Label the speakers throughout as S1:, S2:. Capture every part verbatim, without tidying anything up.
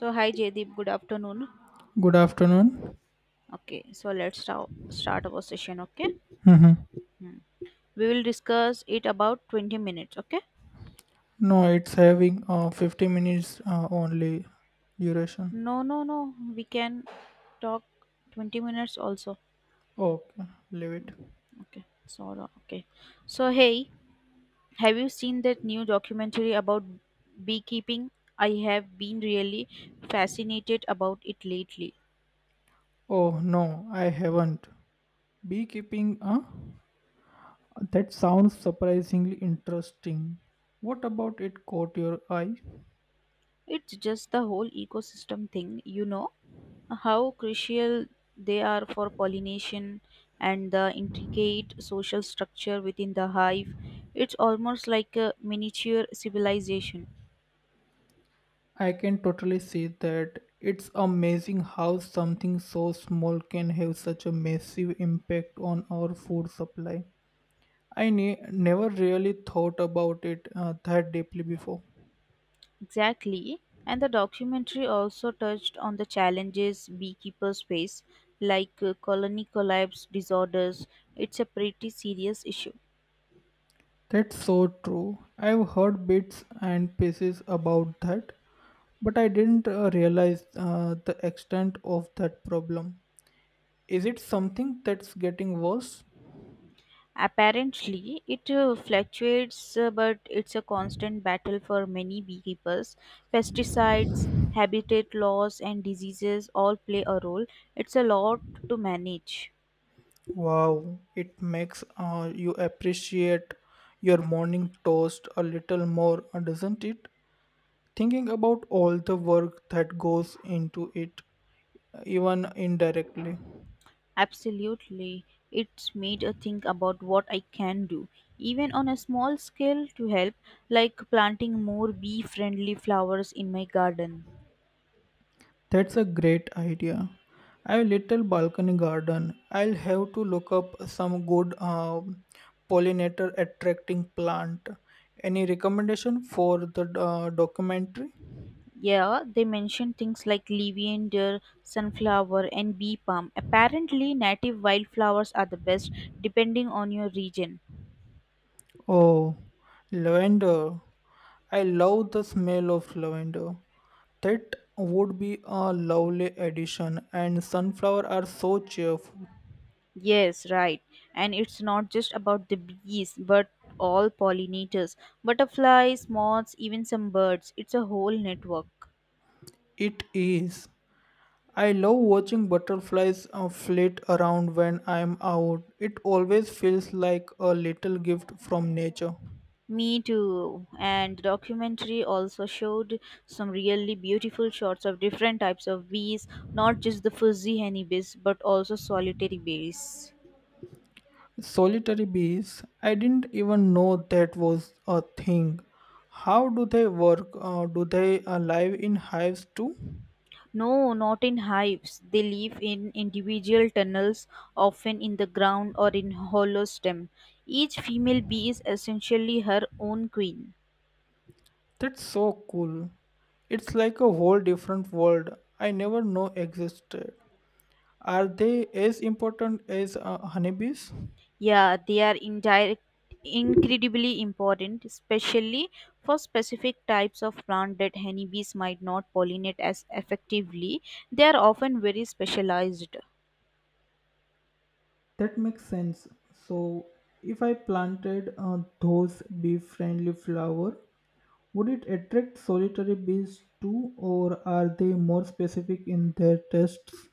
S1: So hi Jaydeep, good afternoon.
S2: Good afternoon.
S1: Okay, so let's start start our session. Okay.
S2: Mhm.
S1: Hmm. We will discuss it about twenty minutes. Okay,
S2: No, it's having uh, fifty minutes uh, only duration.
S1: no, no, no, we can talk twenty minutes also.
S2: Okay, leave it.
S1: Hmm. Okay, so okay, so hey, have you seen that new documentary about beekeeping? I have been really fascinated about it lately.
S2: Oh no, I haven't. Beekeeping, huh? That sounds surprisingly interesting. What about it caught your eye?
S1: It's just the whole ecosystem thing, you know, how crucial they are for pollination and the intricate social structure within the hive. It's almost like a miniature civilization.
S2: I can totally see that. It's amazing how something so small can have such a massive impact on our food supply. I ne- never really thought about it uh, that deeply before.
S1: Exactly. And the documentary also touched on the challenges beekeepers face, like uh, colony collapse disorders. It's a pretty serious issue.
S2: That's so true. I've heard bits and pieces about that, but I didn't uh, realize uh, the extent of that problem. Is it something that's getting worse?
S1: Apparently, it uh, fluctuates, uh, but it's a constant battle for many beekeepers. Pesticides, habitat loss, and diseases all play a role. It's a lot to manage.
S2: Wow, it makes uh, you appreciate your morning toast a little more, uh, doesn't it? Thinking about all the work that goes into it, even indirectly.
S1: Absolutely. It's made a think about what I can do, even on a small scale, to help, like planting more bee friendly flowers in my garden.
S2: That's a great idea. I have little balcony garden. I'll have to look up some good um, pollinator attracting plant. Any recommendation for the uh, documentary?
S1: Yeah, they mention things like levander, sunflower, and bee palm. Apparently, native wildflowers are the best depending on your region.
S2: Oh, lavender. I love the smell of lavender. That would be a lovely addition and sunflower are so cheerful.
S1: Yes, right. And it's not just about the bees, but all pollinators, butterflies, moths, even some birds. It's a whole network.
S2: It is. I love watching butterflies uh, flit around when I'm out. It always feels like a little gift from nature.
S1: Me too. And the documentary also showed some really beautiful shots of different types of bees, not just the fuzzy honeybees, but also solitary bees.
S2: Solitary bees, I didn't even know that was a thing. How do they work? Uh, do they uh, live in hives too?
S1: No, not in hives. They live in individual tunnels, often in the ground or in hollow stem. Each female bee is essentially her own queen.
S2: That's so cool. It's like a whole different world I never know existed. Are they as important as uh, honeybees?
S1: Yeah, they are indirect, incredibly important, especially for specific types of plant that honeybees might not pollinate as effectively. They are often very specialized.
S2: That makes sense. So, if I planted uh, those bee-friendly flower, would it attract solitary bees too, or are they more specific in their tests?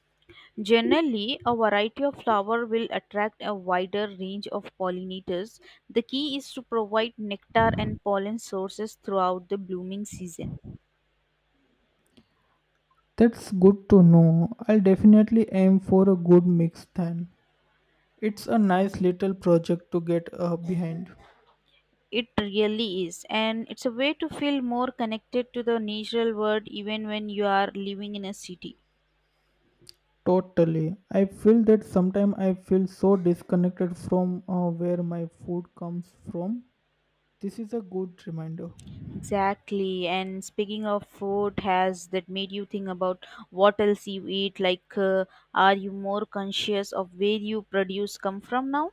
S1: Generally, a variety of flower will attract a wider range of pollinators. The key is to provide nectar and pollen sources throughout the blooming season.
S2: That's good to know. I'll definitely aim for a good mix then. It's a nice little project to get uh, behind.
S1: It really is, and it's a way to feel more connected to the natural world even when you are living in a city.
S2: Totally. I feel that sometimes I feel so disconnected from uh, where my food comes from. This is a good reminder.
S1: Exactly. And speaking of food, has that made you think about what else you eat? Like, uh, are you more conscious of where you produce come from now?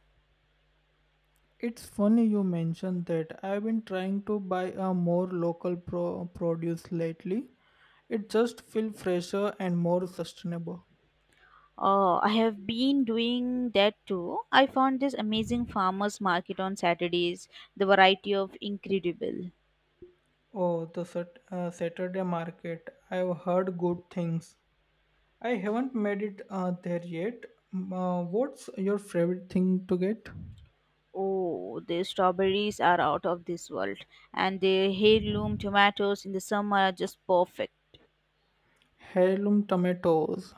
S2: It's funny you mentioned that. I've been trying to buy a more local pro- produce lately. It just feels fresher and more sustainable.
S1: Oh, I have been doing that too. I found this amazing farmers market on Saturdays. The variety of incredible.
S2: Oh, the sat- uh, Saturday market. I've heard good things. I haven't made it uh, there yet. Mm, Uh, what's your favorite thing to get?
S1: Oh, the strawberries are out of this world, and the heirloom tomatoes in the summer are just perfect.
S2: Heirloom tomatoes.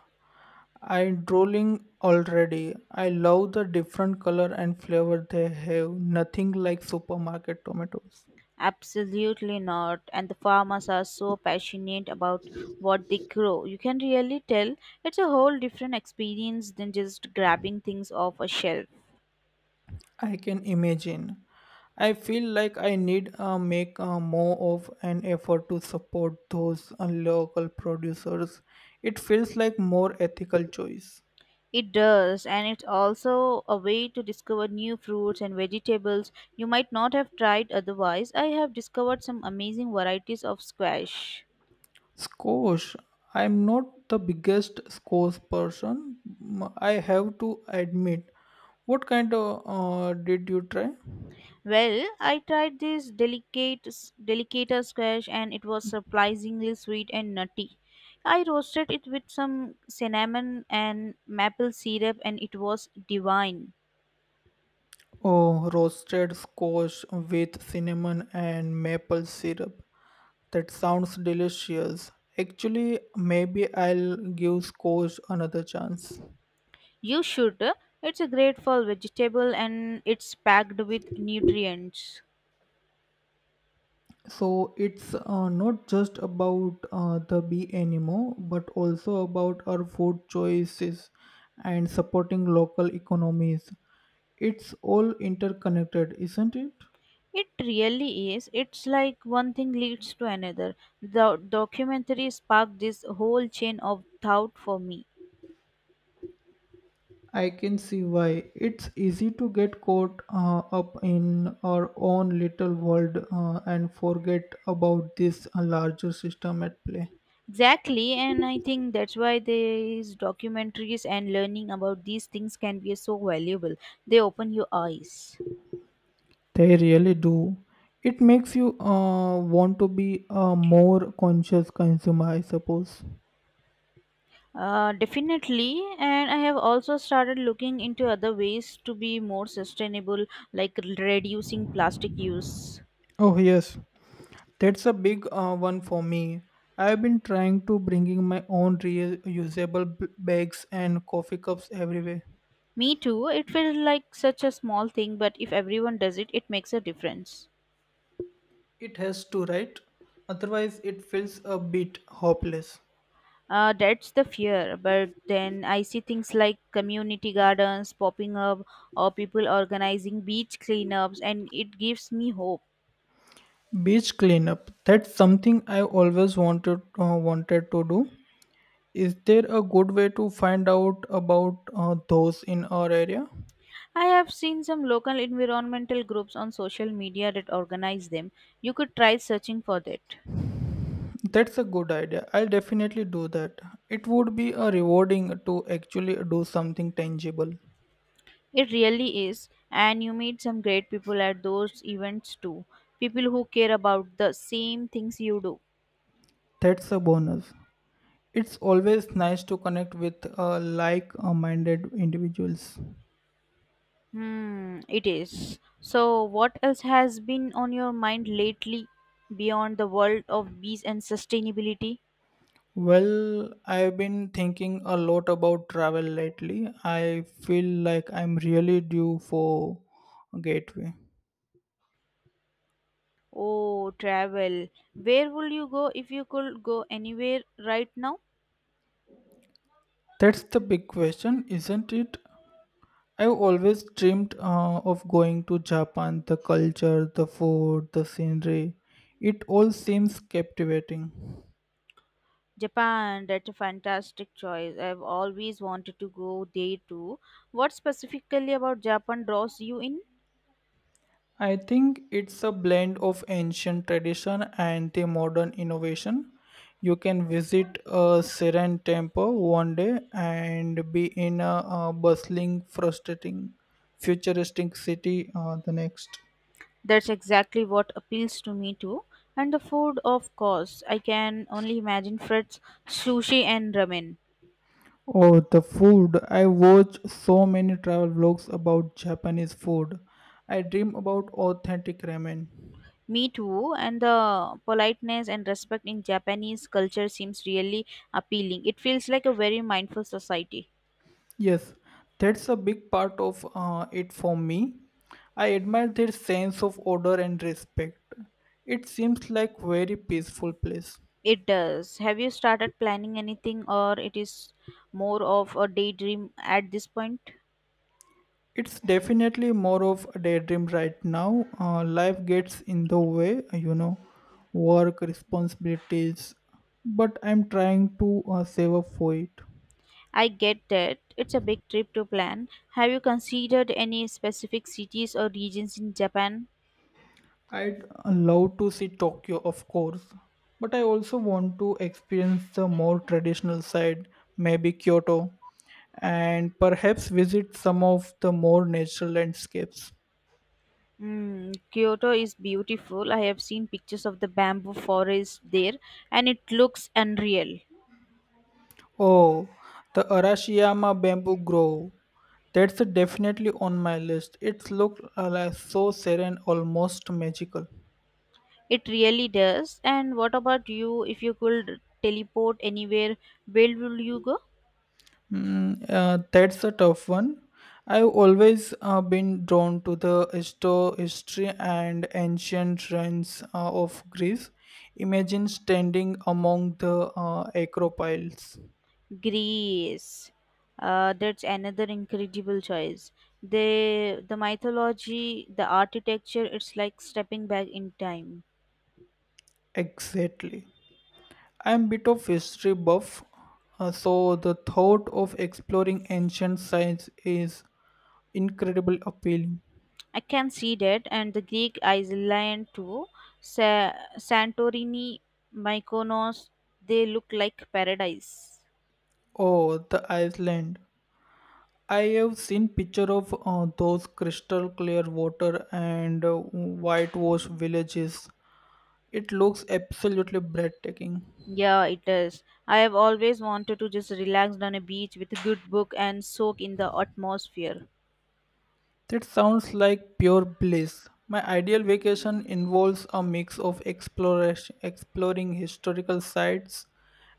S2: I'm drooling already. I love the different color and flavor they have. Nothing like supermarket tomatoes.
S1: Absolutely not. And the farmers are so passionate about what they grow. You can really tell it's a whole different experience than just grabbing things off a shelf.
S2: I can imagine. I feel like I need uh, make uh, more of an effort to support those uh, local producers. It feels like more ethical choice.
S1: It does, and it's also a way to discover new fruits and vegetables you might not have tried otherwise. I have discovered some amazing varieties of squash.
S2: Squash. I'm not the biggest squash person. Mm, I have to admit. What kind of uh, did you try?
S1: Well, I tried this delicate delicata squash and it was surprisingly sweet and nutty. I roasted it with some cinnamon and maple syrup and it was divine.
S2: Oh, roasted squash with cinnamon and maple syrup. That sounds delicious. Actually, maybe I'll give Scosh another chance.
S1: You should. It's a great fall vegetable and it's packed with nutrients.
S2: So it's uh, not just about uh, the bee anymore, but also about our food choices and supporting local economies. It's all interconnected, isn't it?
S1: It really is. It's like one thing leads to another. The documentary sparked this whole chain of thought for me.
S2: I can see why. It's easy to get caught uh, up in our own little world uh, and forget about this uh, larger system at play.
S1: Exactly, and I think that's why these documentaries and learning about these things can be so valuable. They open your eyes.
S2: They really do. It makes you uh, want to be a more conscious consumer, I suppose.
S1: Uh, definitely, and I have also started looking into other ways to be more sustainable, like reducing plastic use.
S2: Oh yes, that's a big uh, one for me. I've been trying to bringing my own reusable b- bags and coffee cups everywhere.
S1: Me too, it feels like such a small thing, but if everyone does it, it makes a difference.
S2: It has to, right? Otherwise, it feels a bit hopeless.
S1: Uh, that's the fear. But then I see things like community gardens popping up or people organizing beach cleanups, and it gives me hope.
S2: Beach cleanup. That's something I always wanted uh, wanted to do. Is there a good way to find out about uh, those in our area?
S1: I have seen some local environmental groups on social media that organize them. You could try searching for that.
S2: That's a good idea. I'll definitely do that. It would be a rewarding to actually do something tangible.
S1: It really is, and you meet some great people at those events too. People who care about the same things you do.
S2: That's a bonus. It's always nice to connect with uh, like-minded individuals.
S1: Hmm, it is. So, what else has been on your mind lately beyond the world of bees and sustainability?
S2: Well, I've been thinking a lot about travel lately. I feel like I'm really due for a gateway.
S1: Oh, travel. Where would you go if you could go anywhere right now?
S2: That's the big question, isn't it? I've always dreamed uh, of going to Japan. The culture, the food, the scenery, it all seems captivating.
S1: Japan, that's a fantastic choice. I've always wanted to go there too. What specifically about Japan draws you in?
S2: I think it's a blend of ancient tradition and the modern innovation. You can visit a serene temple one day and be in a, uh bustling, frustrating, futuristic city uh, the next.
S1: That's exactly what appeals to me too. And the food, of course. I can only imagine Fred's sushi and ramen.
S2: Oh, the food. I watch so many travel vlogs about Japanese food. I dream about authentic ramen.
S1: Me too, and the politeness and respect in Japanese culture seems really appealing. It feels like a very mindful society.
S2: Yes, that's a big part of uh, it for me. I admire their sense of order and respect. It seems like very peaceful place.
S1: It does. Have you started planning anything, or it is more of a daydream at this point?
S2: It's definitely more of a daydream right now. Uh, life gets in the way, you know, work responsibilities, but I'm trying to uh, save up for it.
S1: I get that. It's a big trip to plan. Have you considered any specific cities or regions in Japan?
S2: I'd love to see Tokyo, of course, but I also want to experience the more traditional side, maybe Kyoto, and perhaps visit some of the more natural landscapes.
S1: Mm, Kyoto is beautiful. I have seen pictures of the bamboo forest there, and it looks unreal.
S2: Oh, the Arashiyama Bamboo Grove. That's definitely on my list. It looks uh, like so serene, almost magical.
S1: It really does. And what about you? If you could teleport anywhere, where will you go?
S2: Mm, uh, that's a tough one. I've always uh, been drawn to the histo- history and ancient ruins uh, of Greece. Imagine standing among the uh, acropiles.
S1: Greece. Uh, that's another incredible choice. The the mythology, the architecture, it's like stepping back in time.
S2: Exactly. I'm bit of history buff, uh, so the thought of exploring ancient sites is incredibly appealing.
S1: I can see that, and the Greek island too. Sa- Santorini, Mykonos, they look like paradise.
S2: Oh, the Iceland. I have seen picture of uh, those crystal clear water and uh, whitewashed villages. It looks absolutely breathtaking.
S1: Yeah, it is. I have always wanted to just relax on a beach with a good book and soak in the atmosphere.
S2: That sounds like pure bliss. My ideal vacation involves a mix of exploration, exploring historical sites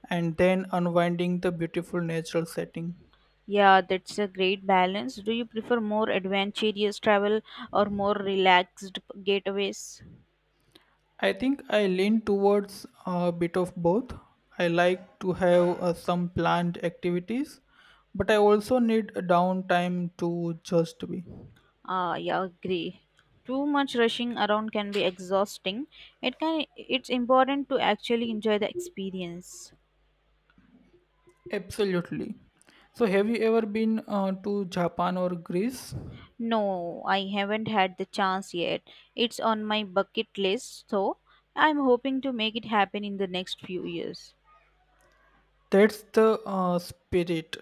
S2: and then unwinding the beautiful natural setting.
S1: Yeah, that's a great balance. Do you prefer more adventurous travel or more relaxed getaways?
S2: I think I lean towards a bit of both. I like to have uh, some planned activities, but I also need a downtime to just be.
S1: Ah, yeah, agree. Too much rushing around can be exhausting. It can, it's important to actually enjoy the experience.
S2: Absolutely. So, have you ever been uh, to Japan or Greece?
S1: No, I haven't had the chance yet. It's on my bucket list, so I'm hoping to make it happen in the next few years.
S2: That's the uh, spirit.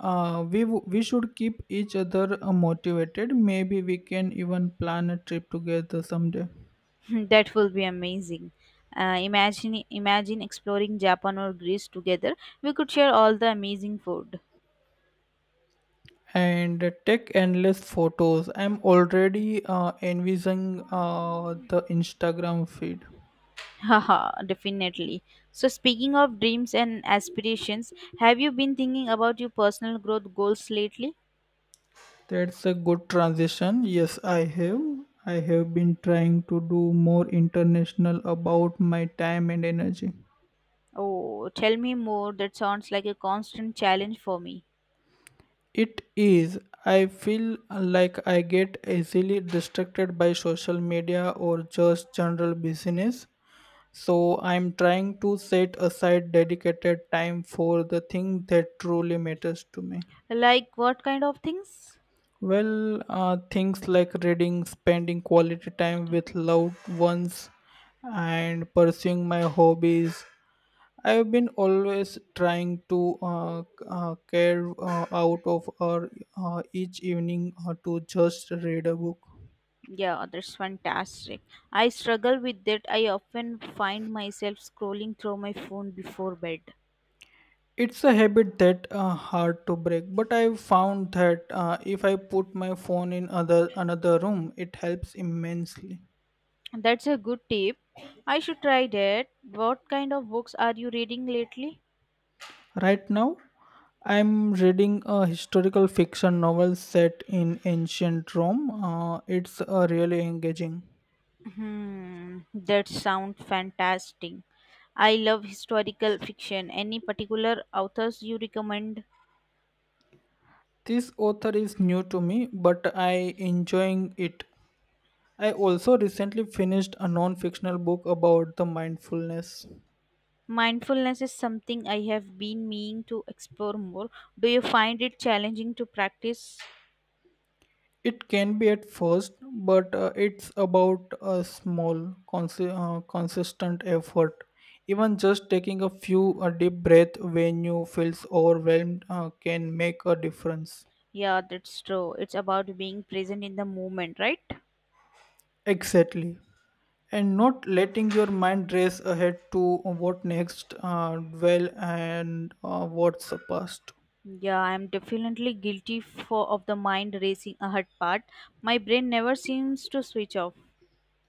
S2: Uh, we w- we should keep each other uh, motivated. Maybe we can even plan a trip together someday.
S1: That will be amazing. Uh, imagine imagine exploring Japan or Greece together. We could share all the amazing food.
S2: And take endless photos. I'm already uh, envisaging uh, the Instagram feed.
S1: Haha, definitely. So speaking of dreams and aspirations, have you been thinking about your personal growth goals lately?
S2: That's a good transition. Yes, I have. I have been trying to do more international about my time and energy.
S1: Oh, tell me more. That sounds like a constant challenge for me.
S2: It is. I feel like I get easily distracted by social media or just general business. So I'm trying to set aside dedicated time for the thing that truly matters to me.
S1: Like what kind of things?
S2: Well, uh, things like reading, spending quality time with loved ones, and pursuing my hobbies. I've been always trying to uh, uh, carve uh, out of our, uh, each evening uh, to just read a book.
S1: Yeah, that's fantastic. I struggle with that. I often find myself scrolling through my phone before bed.
S2: It's a habit that uh, hard to break, but I've found that uh, if I put my phone in other another room, it helps immensely.
S1: That's a good tip. I should try that. What kind of books are you reading lately?
S2: Right now, I'm reading a historical fiction novel set in ancient Rome. Uh, it's uh, really engaging.
S1: Hmm, that sounds fantastic. I love historical fiction. Any particular authors you recommend?
S2: This author is new to me, but I enjoying it. I also recently finished a non-fictional book about the mindfulness.
S1: Mindfulness is something I have been meaning to explore more. Do you find it challenging to practice?
S2: It can be at first, but uh, it's about a small, cons- uh, consistent effort. Even just taking a few a deep breath when you feels overwhelmed uh, can make a difference.
S1: Yeah, that's true. It's about being present in the moment, right?
S2: Exactly. And not letting your mind race ahead to what next, uh, dwell and uh, what's the past.
S1: Yeah, I'm definitely guilty for of the mind racing ahead part. My brain never seems to switch off.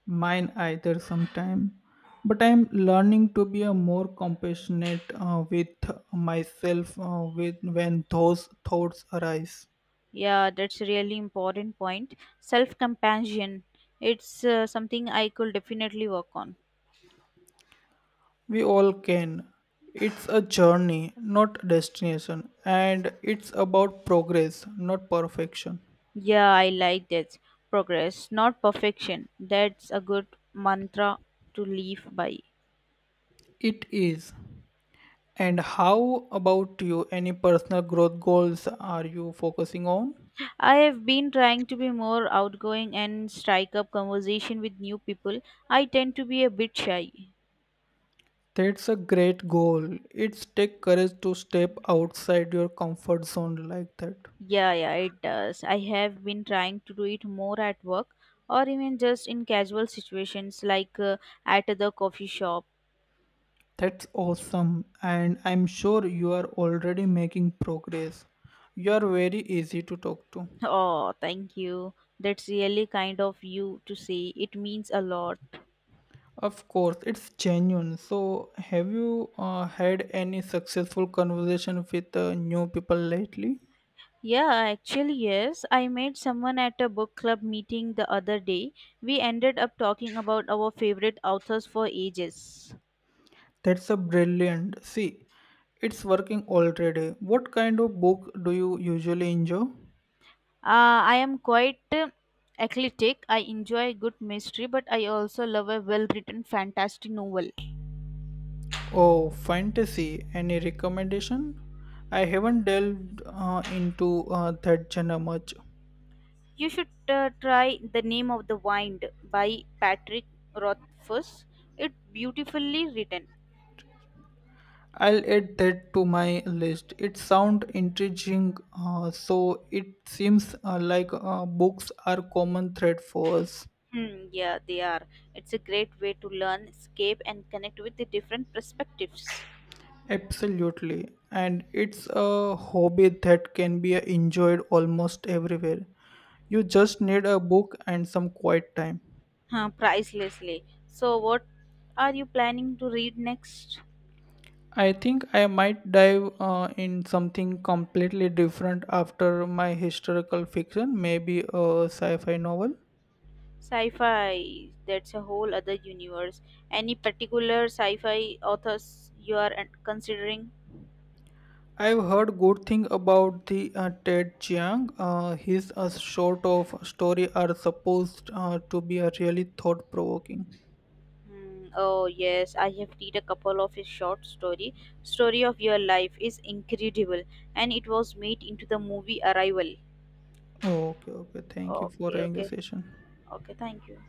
S2: Mine either sometime. But I'm learning to be a more compassionate uh, with myself uh, with when those thoughts arise.
S1: Yeah, that's a really important point. Self compassion. It's uh, something I could definitely work on.
S2: We all can. It's a journey, not destination, and it's about progress, not perfection.
S1: Yeah, I like that. Progress, not perfection. That's a good mantra to live by.
S2: It is. And how about you? Any personal growth goals are you focusing on?
S1: I have been trying to be more outgoing and strike up conversation with new people. I tend to be a bit shy.
S2: That's a great goal. It's take courage to step outside your comfort zone like that.
S1: Yeah, yeah, it does. I have been trying to do it more at work or even just in casual situations like uh, at the coffee shop.
S2: That's awesome, and I'm sure you are already making progress. You are very easy to talk to.
S1: Oh, thank you. That's really kind of you to say. It means a lot.
S2: Of course, it's genuine. So, have you uh, had any successful conversation with uh, new people lately?
S1: Yeah, actually, yes. I met someone at a book club meeting the other day. We ended up talking about our favorite authors for ages.
S2: That's a brilliant. See, it's working already. What kind of book do you usually enjoy?
S1: Uh, I am quite uh, eclectic. I enjoy good mystery, but I also love a well written fantasy novel.
S2: Oh, fantasy. Any recommendation? I haven't delved uh, into uh, that genre much.
S1: You should uh, try The Name of the Wind by Patrick Rothfuss. It's beautifully written.
S2: I'll add that to my list. It sounds intriguing, uh, so it seems uh, like uh, books are common thread for us.
S1: Hmm, yeah, they are. It's a great way to learn, escape, and connect with the different perspectives.
S2: Absolutely, and it's a hobby that can be enjoyed almost everywhere. You just need a book and some quiet time.
S1: Huh, pricelessly. So, what are you planning to read next?
S2: I think I might dive uh, in something completely different after my historical fiction, maybe a sci-fi novel.
S1: Sci fi. That's a whole other universe. Any particular sci fi authors you are uh, considering?
S2: I've heard good thing about the uh, Ted Chiang. Uh, his uh, short of story are supposed uh, to be a really thought provoking.
S1: Hmm, oh, yes. I have read a couple of his short story. Story of Your Life is incredible, and it was made into the movie Arrival.
S2: Okay, okay. Thank you for
S1: Okay,
S2: having the
S1: okay,
S2: session.
S1: okay. Thank you.